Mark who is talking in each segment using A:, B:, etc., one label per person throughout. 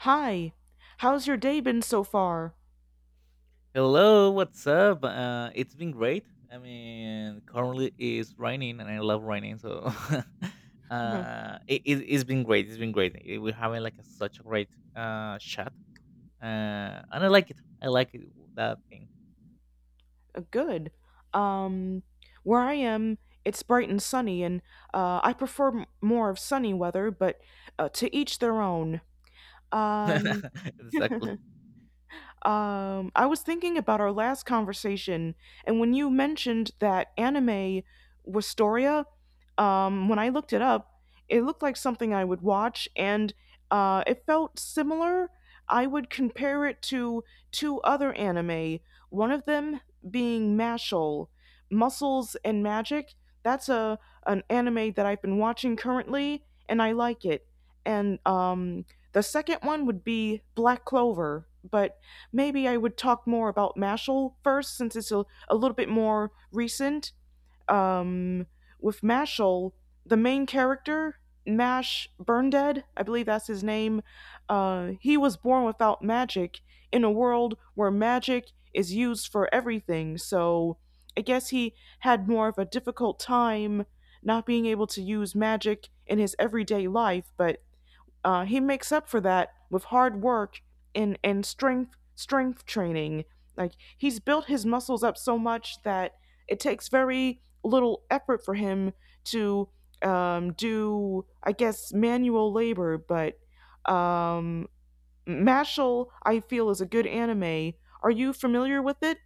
A: Hi, how's your day been so far?
B: Hello, what's up? It's been great. I mean, currently it's raining, and I love raining, so
A: Mhm.
B: it's been great. It's been great. We're having like such a great chat, and I like it. I like it, that thing.
A: Good. Um, where I am, it's bright and sunny, and I prefer more of sunny weather, but to each their own. Um,
B: Exactly.
A: I was thinking about our last conversation, and when you mentioned that anime Wistoria, when I looked it up, it looked like something I would watch, and it felt similar. I would compare it to two other anime, one of them being Mashal, Muscles and Magic. That's a an anime that I've been watching currently, and I like it. And the second one would be Black Clover, but maybe I would talk more about Mashal first since it's a little bit more recent. Um, with Mashal, the main character, Mash Burndead, I believe that's his name, he was born without magic in a world where magic is used for everything. So I guess he had more of a difficult time not being able to use magic in his everyday life, but he makes up for that with hard work and strength training. Like he's built his muscles up so much that it takes very little effort for him to do, I guess, manual labor. But um, Mashal, I feel, is a good anime. Are you familiar with it?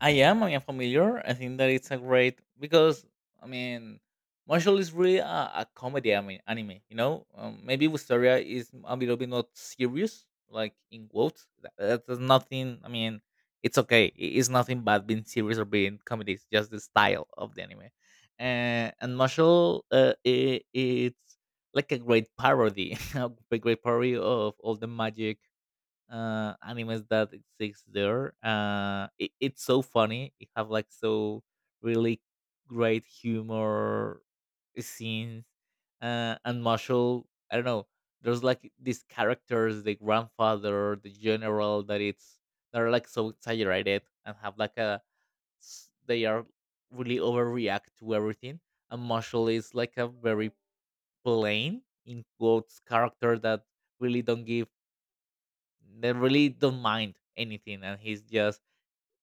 B: I am. I am familiar. I think that it's a great because I mean, Marshall is really a comedy. I mean, anime. You know, maybe Wisteria is a little bit not serious, like in quotes. That's nothing. I mean, it's okay. It's nothing bad being serious or being comedy. It's just the style of the anime. And Marshall, I it's like a great parody, a great parody of all the magic animes that exists there. It's so funny. It have like so really great humor scenes. And Marshall, I don't know, there's like these characters, the grandfather, the general, that it's they're like so exaggerated and have like a they are really overreact to everything. And Marshall is like a very plain in quotes character that really don't give they really don't mind anything, and he's just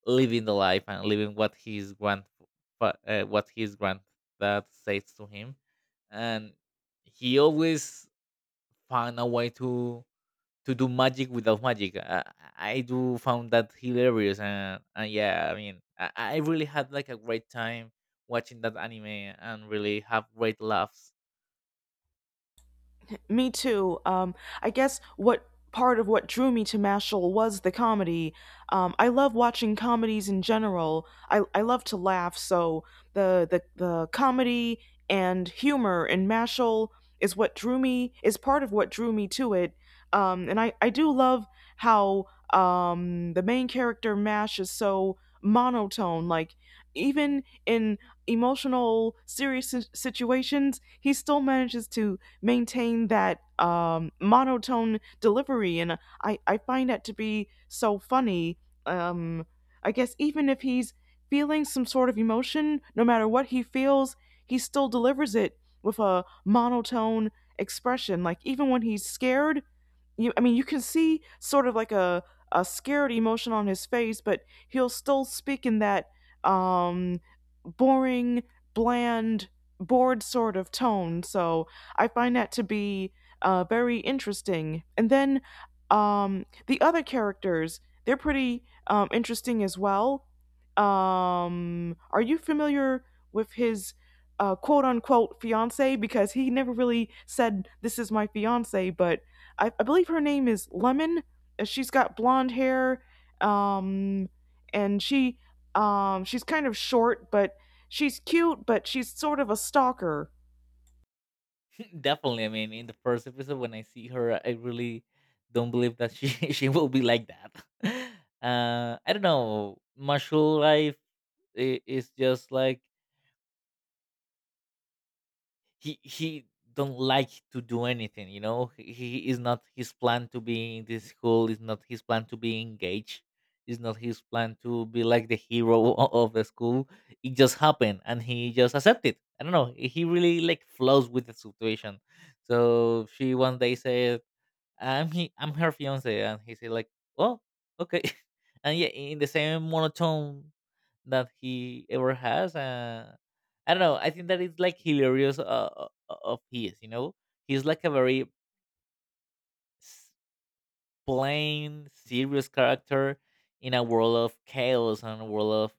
B: living the life and living what his granddad says to him, and he always found a way to do magic without magic. I do found that hilarious, and yeah, I mean, I really had like a great time watching that anime and really have great laughs.
A: Me too. I guess what part of what drew me to Mashal was the comedy. I love watching comedies in general. I love to laugh, so the comedy and humor in Mashal is what drew me is part of what drew me to it. And I do love how the main character Mash is so monotone. Like even in emotional, serious situations, he still manages to maintain that monotone delivery, and I find that to be so funny. Um, I guess even if he's feeling some sort of emotion, no matter what he feels, he still delivers it with a monotone expression. Like even when he's scared, you I mean you can see sort of like a scared emotion on his face, but he'll still speak in that um boring, bland, bored sort of tone, so I find that to be very interesting. And then the other characters, they're pretty interesting as well. Are you familiar with his, quote unquote, fiance? Because he never really said this is my fiance. But I believe her name is Lemon. She's got blonde hair, um, and she's kind of short, but she's cute, but she's sort of a stalker.
B: Definitely. I mean, in the first episode when I see her, I really don't believe that she she will be like that. I don't know. Martial life is just like he don't like to do anything. You know, he is not his plan to be in this school. Is not his plan to be engaged. Is not his plan to be like the hero of the school. It just happened, and he just accepted. I don't know. He really like flows with the situation. So she one day says, I'm I'm her fiance, and he said like, oh, okay, and yeah, in the same monotone that he ever has. I don't know. I think that it's like hilarious, of his. You know, he's like a very s- plain, serious character in a world of chaos and a world of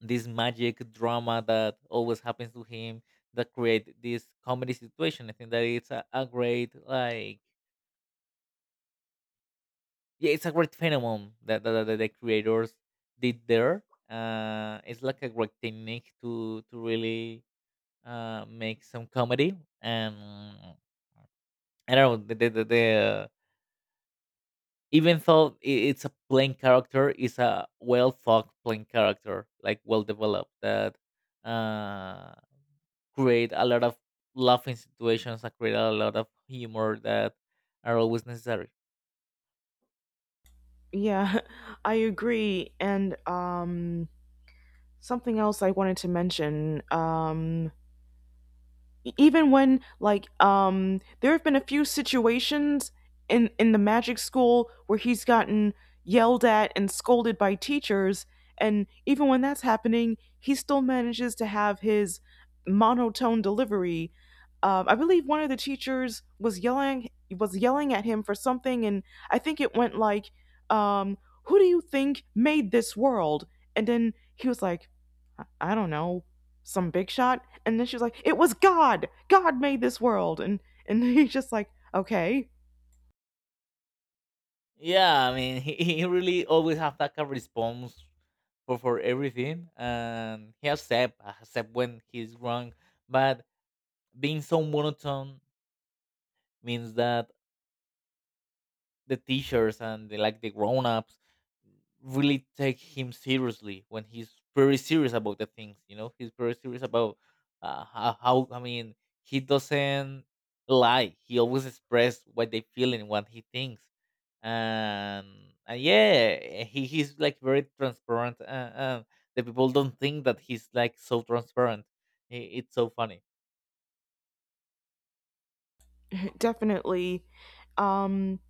B: this magic drama that always happens to him, that create this comedy situation. I think that it's a great like. Yeah, it's a great phenomenon that the creators did there. It's like a great technique to really make some comedy. And I don't know, the even though it's a plain character, it's a well thought plain character, like well developed that uh, create a lot of laughing situations, that create a lot of humor that are always necessary.
A: Yeah, I agree. And something else I wanted to mention. Even when, like, there have been a few situations in the magic school where he's gotten yelled at and scolded by teachers. And even when that's happening, he still manages to have his monotone delivery. I believe one of the teachers was yelling at him for something, and I think it went like, um, who do you think made this world? And then he was like, I don't know, some big shot. And then she was like, "It was God. God made this world." And he's just like, "Okay,
B: Yeah, I mean, he really always have that kind of response for everything, and he accept when he's wrong. But being so monotone means that the teachers and like the grown ups really take him seriously when he's very serious about the things. You know, he's very serious about how I mean, he doesn't lie. He always express what they feel and what he thinks. and and yeah, he's like very transparent, and the people don't think that he's like so transparent. I- It's so funny.
A: definitely." Um,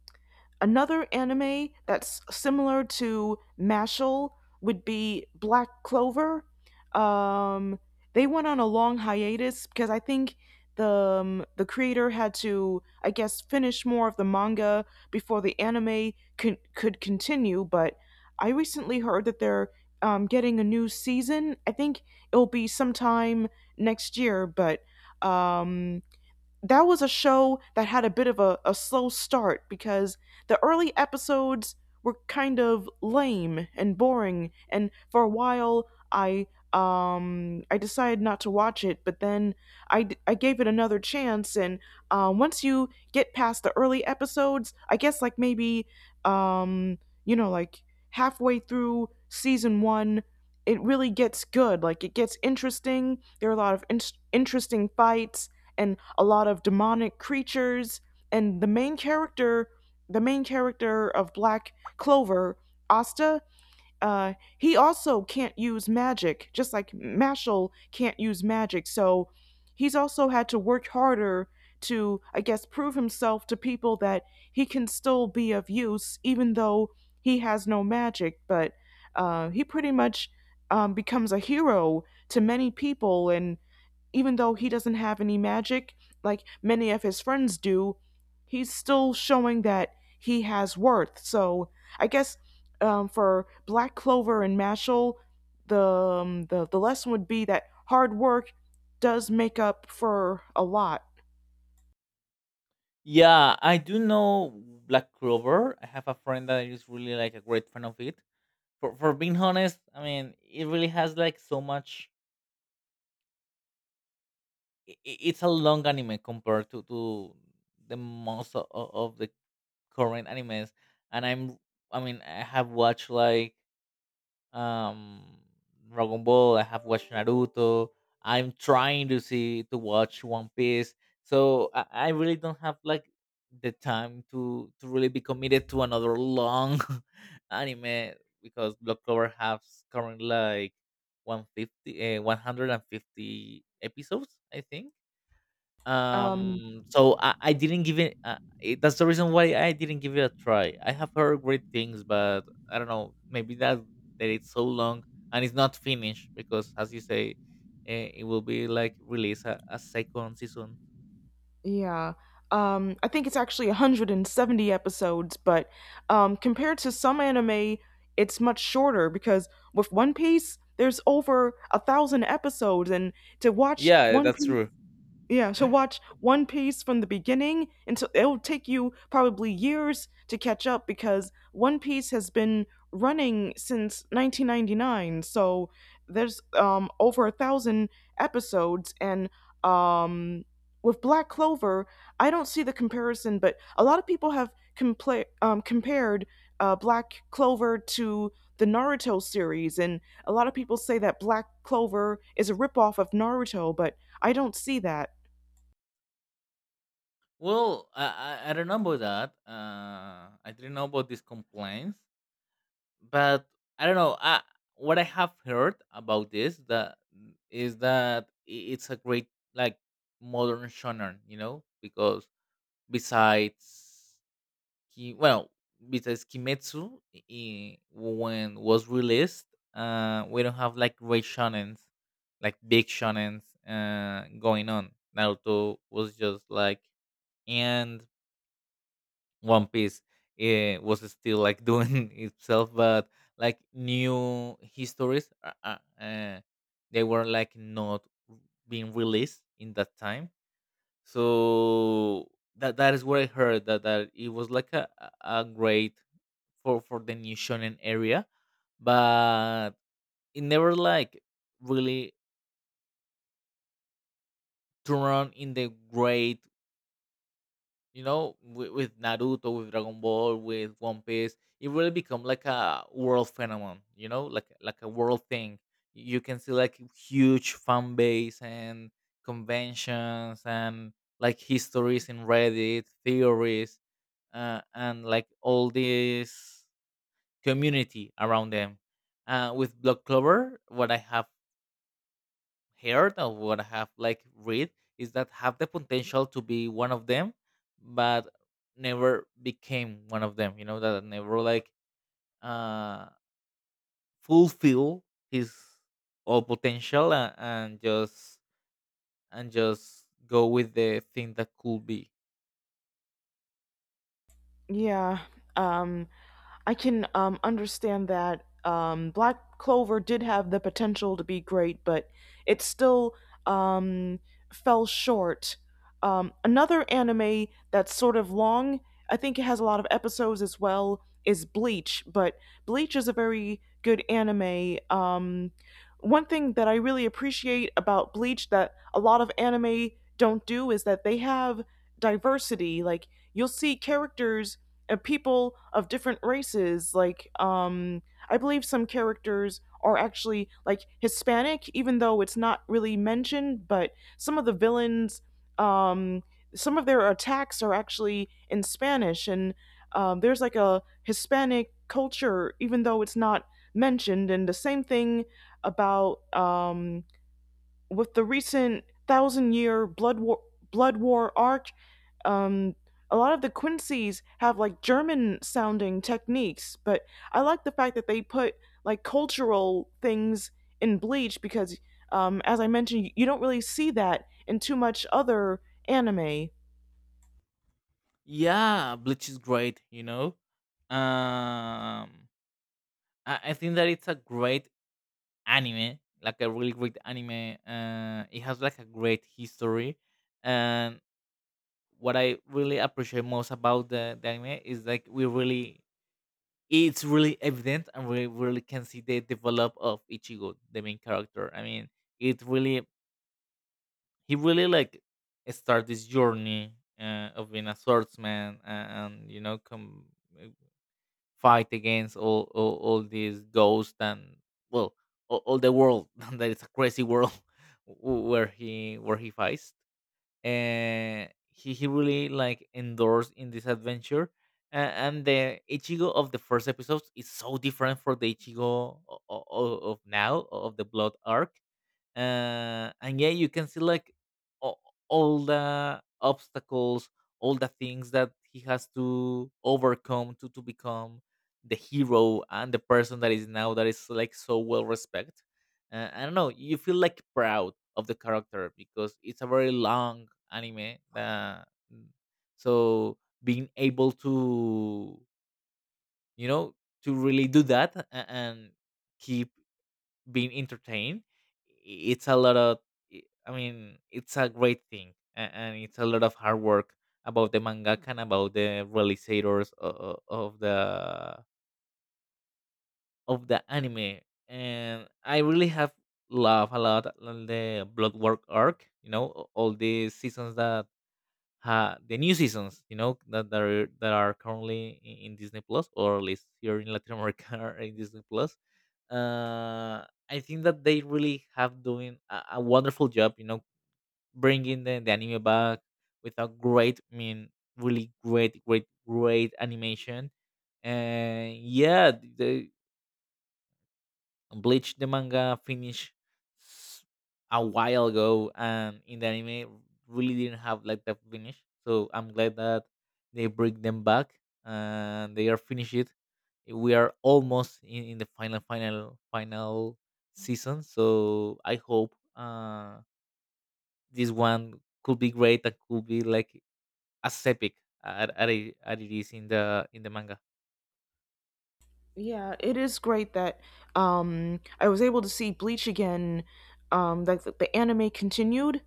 A: Another anime that's similar to Mashal would be Black Clover. Um, they went on a long hiatus because I think the creator had to, I guess, finish more of the manga before the anime could continue. But I recently heard that they're, getting a new season. I think it'll be sometime next year, but um, that was a show that had a bit of a slow start because the early episodes were kind of lame and boring, and for a while I decided not to watch it. But then I gave it another chance. And once you get past the early episodes, I guess, like maybe, um like halfway through season one, it really gets good. Like, it gets interesting. There are a lot of interesting fights and a lot of demonic creatures. And the main character of Black Clover, Asta, he also can't use magic just like Mashal can't use magic. So he's also had to work harder to, I guess, prove himself to people that he can still be of use even though he has no magic. But he pretty much, becomes a hero to many people. And even though he doesn't have any magic like many of his friends do, he's still showing that he has worth. So I guess, for Black Clover and Mashal, the lesson would be that hard work does make up for a lot.
B: Yeah, I do know Black Clover. I have a friend that is really like a great fan of it. For being honest, I mean, it really has like so much. It's a long anime compared to the most of the current animes, and I mean I have watched like um Dragon Ball. I have watched Naruto. I'm trying to see to watch One Piece. So I really don't have like the time to really be committed to another long anime because Block Clover has currently like 150 episodes, I think.
A: Um,
B: So I didn't give it. That's the reason why I didn't give it a try. I have heard great things, but I don't know. Maybe that it's so long and it's not finished because, as you say, it will be like release a second season.
A: Yeah. I think it's actually 170 episodes, but compared to some anime, it's much shorter because with One Piece, there's over 1,000 episodes, and to watch
B: Yeah,
A: One
B: that's
A: Piece
B: true.
A: yeah, so watch One Piece from the beginning, until it'll take you probably years to catch up because One Piece has been running since 1999. So there's, over 1,000 episodes. And um with Black Clover, I don't see the comparison, but a lot of people have compared, Black Clover to the Naruto series, and a lot of people say that Black Clover is a ripoff of Naruto, but I don't see that.
B: Well, I don't know about that. I didn't know about these complaints, but I don't know. What I have heard about is that it's a great like modern shonen, you know, because besides well, besides Kimetsu, when was released, we don't have like great shonens, like big shonens, going on. Naruto was just like, and one Piece was still like doing itself, but like new histories, they were like not being released in that time. So that is where I heard that it was like a great for the new shonen area, but it never like really turned in the great, you know, with Naruto, with Dragon Ball, with One Piece, it really become like a world phenomenon, you know, like a world thing. You can see like huge fan base and conventions and like histories in Reddit, theories, and like all this community around them. With Block Clover, what I have heard or what I have like read is that have the potential to be one of them, but never became one of them. You know that never like uh fulfill his all potential, and just go with the thing that could be.
A: Yeah, um, I can, understand that, Black Clover did have the potential to be great, but it still, um, fell short. Another anime that's sort of long, I think it has a lot of episodes as well, is Bleach, but Bleach is a very good anime. One thing that I really appreciate about Bleach that a lot of anime don't do is that they have diversity. Like, you'll see characters, people of different races, like I believe some characters are actually, like, Hispanic, even though it's not really mentioned. But some of the villains, um some of their attacks are actually in Spanish, and, there's like a Hispanic culture, even though it's not mentioned. And the same thing about, with the recent thousand year blood war arc, um a lot of the Quincy's have like German sounding techniques. But I like the fact that they put like cultural things in Bleach, because, as I mentioned, you don't really see that in too much other anime.
B: Yeah, Bleach is great. You know, um, I think that it's a great anime, like a really great anime. It has like a great history. And. What I really appreciate most about the anime is like we really it's really evident, and we really can see the develop of Ichigo, the main character. I mean, it really he really like start this journey of being a swordsman, and you know come uh, fight against all these ghosts, and well all the world that is a crazy world where he fights. He really like endorsed in this adventure. And the Ichigo of the first episodes is so different from the Ichigo of now of the Blood arc. And yeah, you can see like all, all the obstacles, all the things that he has to overcome to become the hero and the person that is now, that is like so well respected. I don't know, you feel like proud of the character because it's a very long anime that, so being able to, you know, to really do and keep being entertained, it's a lot of i I mean it's a great thing and it's a lot of hard work about the mangaka and about the realizators of the anime. And I really have loved a lot on the blood work arc, you know, all these seasons that ha the new seasons, you know, that are currently in Disney Plus, or at least here in Latin America are in Disney Plus. uh I think that they really have doing a wonderful job, you know, bringing the anime back with a great, I mean, really great great great animation. And yeah, the Bleach, the manga, finished s- a while ago, and in the anime really didn't have like that finish. So I'm glad that they bring them back and they are finished it. We are almost in the final, final, final season. So I hope this one could be great and could be like as epic as it is in the manga.
A: Yeah, it is great that, I was able to see Bleach again. That the anime continued.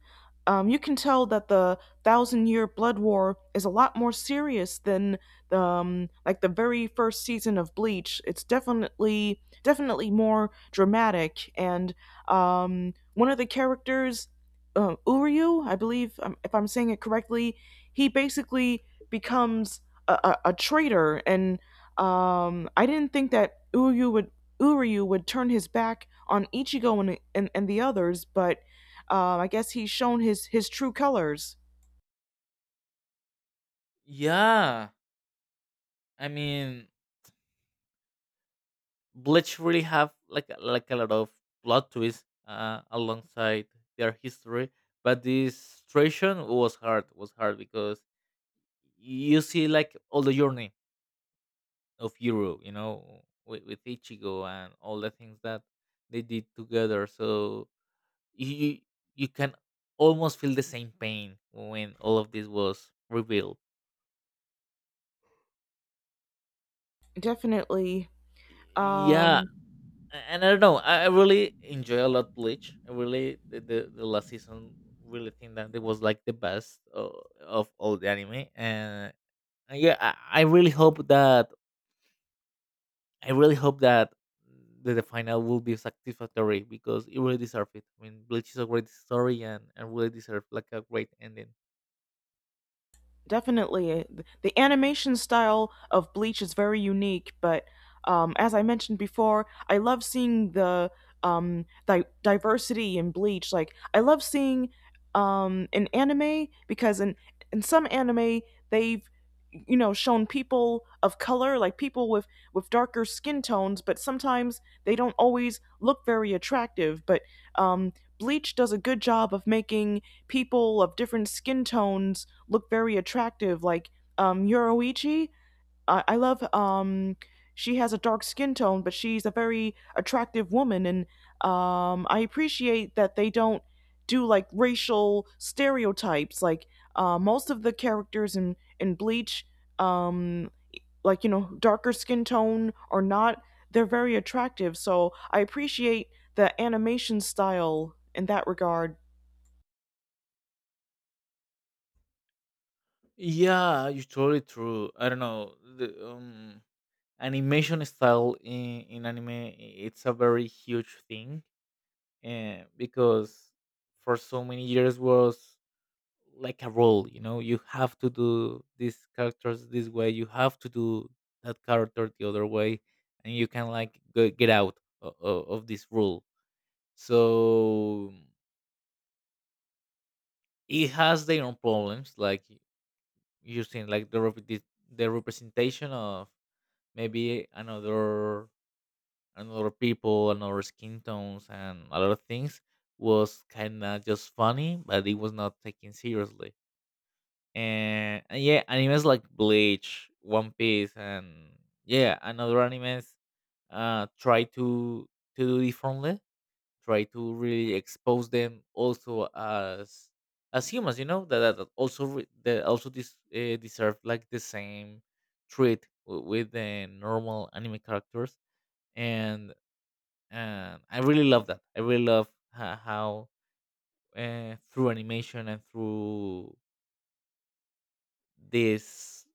A: You can tell that the Thousand Year Blood War is a lot more serious than the like the very first season of Bleach. It's definitely more dramatic, and one of the characters, Uryu, I believe, if I'm saying it correctly, he basically becomes a traitor. And I didn't think that Uryu would turn his back on Ichigo and the others. But I guess he's shown his true colors.
B: Yeah, I mean, Bleach really have like a lot of plot twists alongside their history, but this transition was hard. Was hard because you see like all the journey of Hero, you know, with Ichigo and all the things that they did together. So you you can almost feel the same pain when all of this was revealed.
A: Definitely.
B: Yeah,
A: Um,
B: And I don't know. I really enjoy a lot Bleach. I really the last season really think that it was like the best of all the anime. And yeah, I really hope that the final will be satisfactory because it really deserves it. I mean, Bleach is a great story and really deserve like a great ending.
A: Definitely. The animation style of Bleach is very unique, but as I mentioned before, I love seeing the, diversity in Bleach. Like, I love seeing, in anime, because in some anime, they've shown people of color, like people with darker skin tones, but sometimes they don't always look very attractive. But um Bleach does a good job of making people of different skin tones look very attractive, like, Yoroichi. I love, she has a dark skin tone, but she's a very attractive woman. And I appreciate that they don't do like racial stereotypes. Like, most of the characters in Bleach, um, like, darker skin tone or not, they're very attractive. So I appreciate the animation style in that regard.
B: Yeah, it's totally true. I don't know the animation style in anime. It's a very huge thing. Because for so many years was like a role, you know, you have to do these characters this way, you have to do that character the other way. And you can like go, get out of this rule. So it has their own problems, like using like the representation of maybe another and other people and other skin tones, and a lot of things was kind of just funny, but it was not taken seriously. And yeah, animes like Bleach, One Piece, and yeah, and other animes try to do differently, try to really expose them also as humans, you know, that also that also deserve like the same treat with the normal anime characters. and and I really love that. I really love how through animation and through these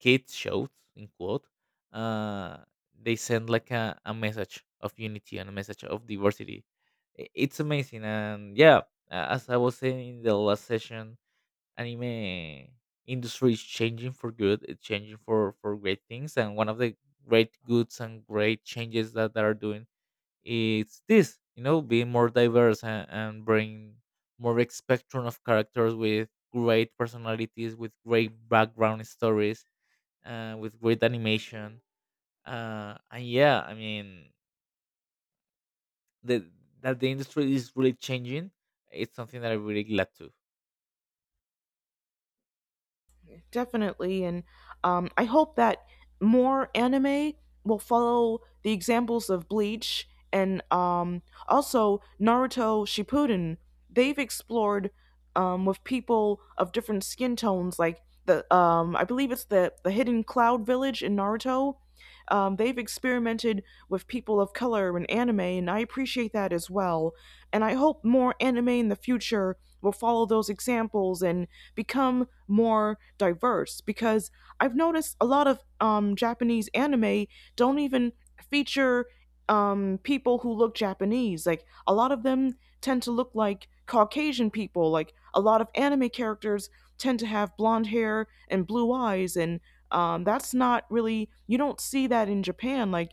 B: kids shows in quote, uh, they send like a message of unity and a message of diversity. It's amazing, and yeah, as I was saying in the last session, anime industry is changing for good. It's changing for great things, and one of the great goods and great changes that they are doing, it's this, you know, be more diverse, and bring more big spectrum of characters, with great personalities, with great background stories, with great animation, and yeah, I mean the, that the industry is really changing. It's something that I'm really glad to.
A: Definitely. And I hope that more anime will follow the examples of Bleach and, also Naruto Shippuden. They've explored, with people of different skin tones, like the, I believe it's the Hidden Cloud Village in Naruto. They've experimented with people of color in anime, and I appreciate that as well. And I hope more anime in the future will follow those examples and become more diverse, because I've noticed a lot of, Japanese anime don't even feature, people who look Japanese. Like, a lot of them tend to look like Caucasian people. Like, a lot of anime characters tend to have blonde hair and blue eyes, and, that's not really, you don't see that in Japan. Like,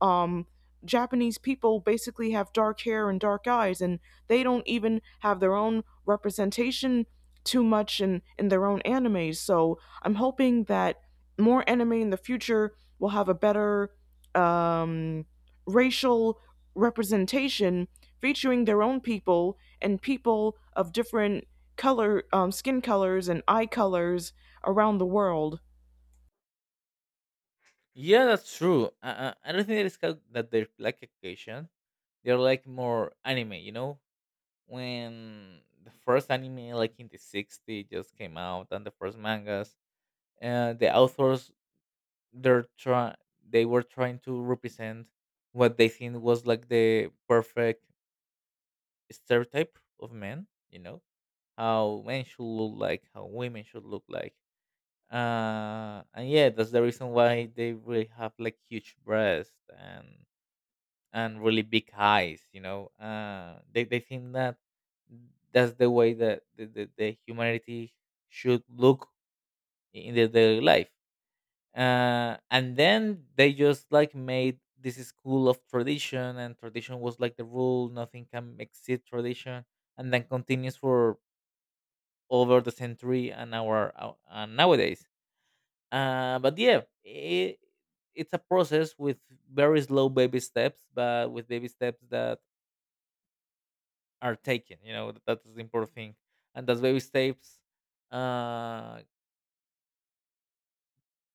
A: um, Japanese people basically have dark hair and dark eyes, and they don't even have their own representation too much in their own anime. So I'm hoping that more anime in the future will have a better, um, racial representation, featuring their own people and people of different color, skin colors and eye colors around the world.
B: Yeah, that's true. I don't think that it's called that they're like occasion, they're like more anime, you know? When the first anime, like in the 60s, just came out, and the first mangas, the authors they're try they were trying to represent what they think was like the perfect stereotype of men, you know, how men should look like, how women should look like. And yeah, that's the reason why they really have like huge breasts and really big eyes, you know. They think that that's the way that the humanity should look in their daily life. And then they just like made this school of tradition, and tradition was like the rule, nothing can exceed tradition. And then continues for over the century and and nowadays. But yeah, it's a process with very slow baby steps, but with baby steps that are taken, you know, that's the important thing. And those baby steps, uh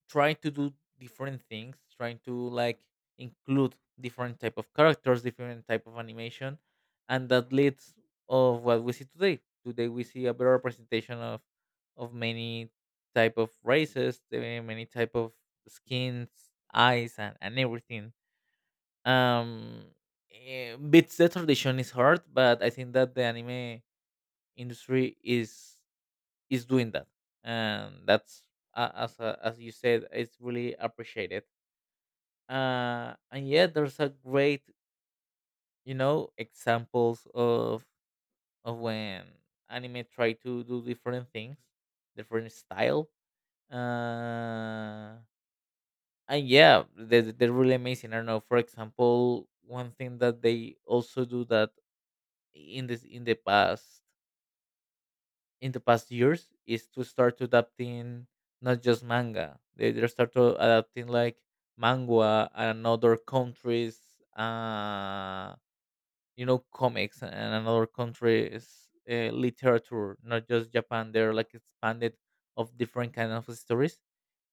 B: trying to do different things, trying to like include different type of characters, different type of animation, and that leads of what we see today. Today we see a better representation of many type of races, the many type of skins, eyes, and everything. um Beats the tradition is hard, but I think that the anime industry is doing that. And that's as you said, it's really appreciated. And yeah, there's a great, you know, examples of when anime try to do different things, different style. uh and yeah, they're really amazing. I don't know, for example, one thing that they also do that in the past, in the past years, is to start adapting not just manga. They start to adapting like manga and another countries, uh, you know, comics and another countries, literature, not just Japan. They're like expanded of different kind of stories,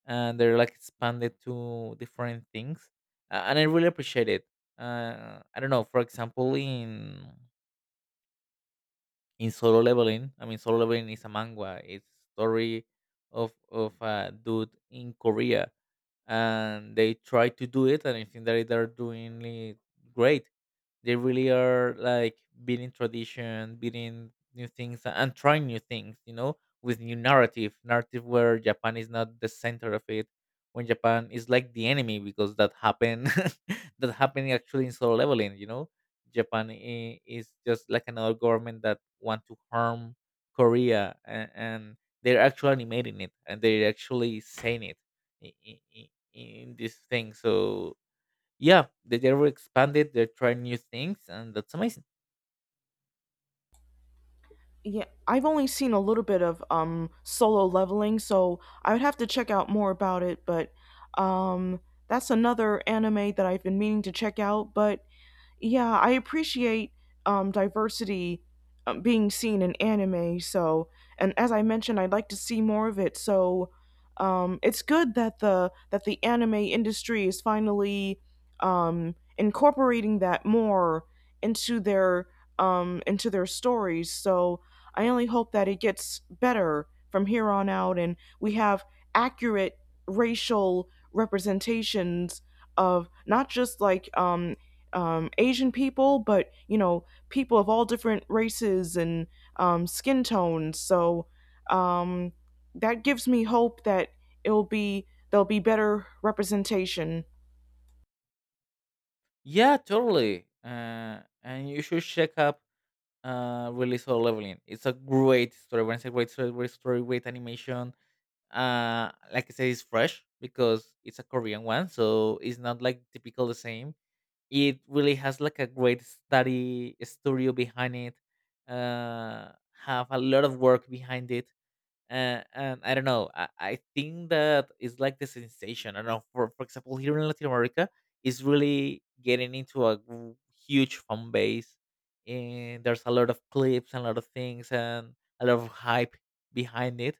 B: and they're like expanded to different things. And I really appreciate it. I don't know. For example, in solo leveling, I mean solo leveling is a manga, it's story of a dude in korea, and they try to do it, and I think that they're doing it great. They really are like beating tradition, beating new things, and trying new things, you know, with new narrative, narrative where japan is not the center of it, when japan is like the enemy, because that happened that happened actually in solo leveling, you know. Japan is just like another government that want to harm korea, and they're actually animating it and they're actually saying it in this thing. So yeah, they were expanded. They're trying new things, and that's amazing.
A: Yeah, I've only seen a little bit of, Solo Leveling, so I would have to check out more about it, but um, that's another anime that I've been meaning to check out. But yeah, I appreciate, diversity, being seen in anime. So, and as I mentioned, I'd like to see more of it. So, it's good that the anime industry is finally, incorporating that more into their, into their stories. So, I only hope that it gets better from here on out, and we have accurate racial representations of not just like, Asian people, but people of all different races and, skin tones. So, um, that gives me hope that it'll be there'll be better representation.
B: Yeah, totally. And you should check up, Release All Leveling. It's a great story. When I say great story, great story, great animation. Like I said, it's fresh because it's a Korean one, so it's not like typical the same. It really has like a great study studio behind it. Uh, have a lot of work behind it. And I don't know. I think that it's like the sensation. I don't know. For example, here in Latin America, is really getting into huge fan base, and there's a lot of clips and a lot of things and a lot of hype behind it.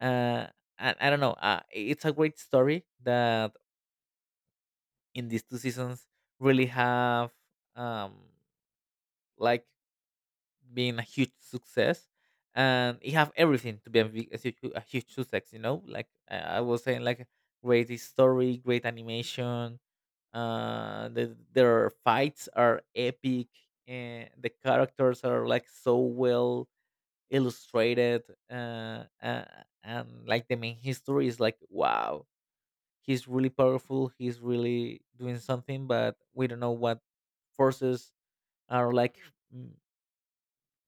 B: Uh, and I don't know. It's a great story that in these two seasons really have, um, like being a huge success. And it have everything to be a huge success, you know, like I was saying, like great story, great animation, the, their fights are epic, and the characters are like so well illustrated. uh, uh and like the main history is like, wow, he's really powerful, he's really doing something, but we don't know what forces are like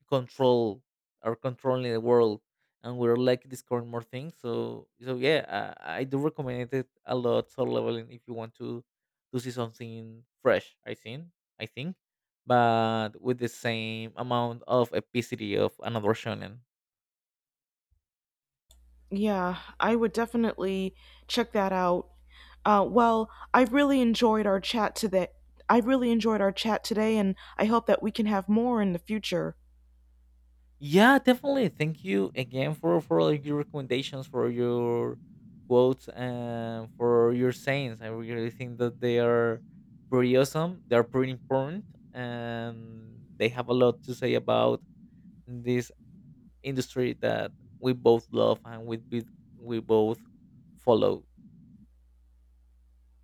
B: control are controlling the world, and we're like discovering more things. So so yeah, I do recommend it a lot, soul leveling, if you want to see something fresh, I think, but with the same amount of epicity of another shonen.
A: Yeah, I would definitely check that out. Well, I really enjoyed our chat today. I really enjoyed our chat today, and I hope that we can have more in the future.
B: Yeah, definitely. Thank you again for all your recommendations, for your quotes, and for your sayings. I really think that they are pretty awesome. They are pretty important, and they have a lot to say about this industry that we both love, and we both follow.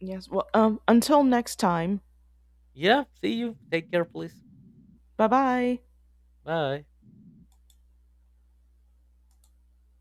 A: Yes. Well, until next time.
B: Yeah. See you. Take care, please.
A: Bye bye.
B: Bye.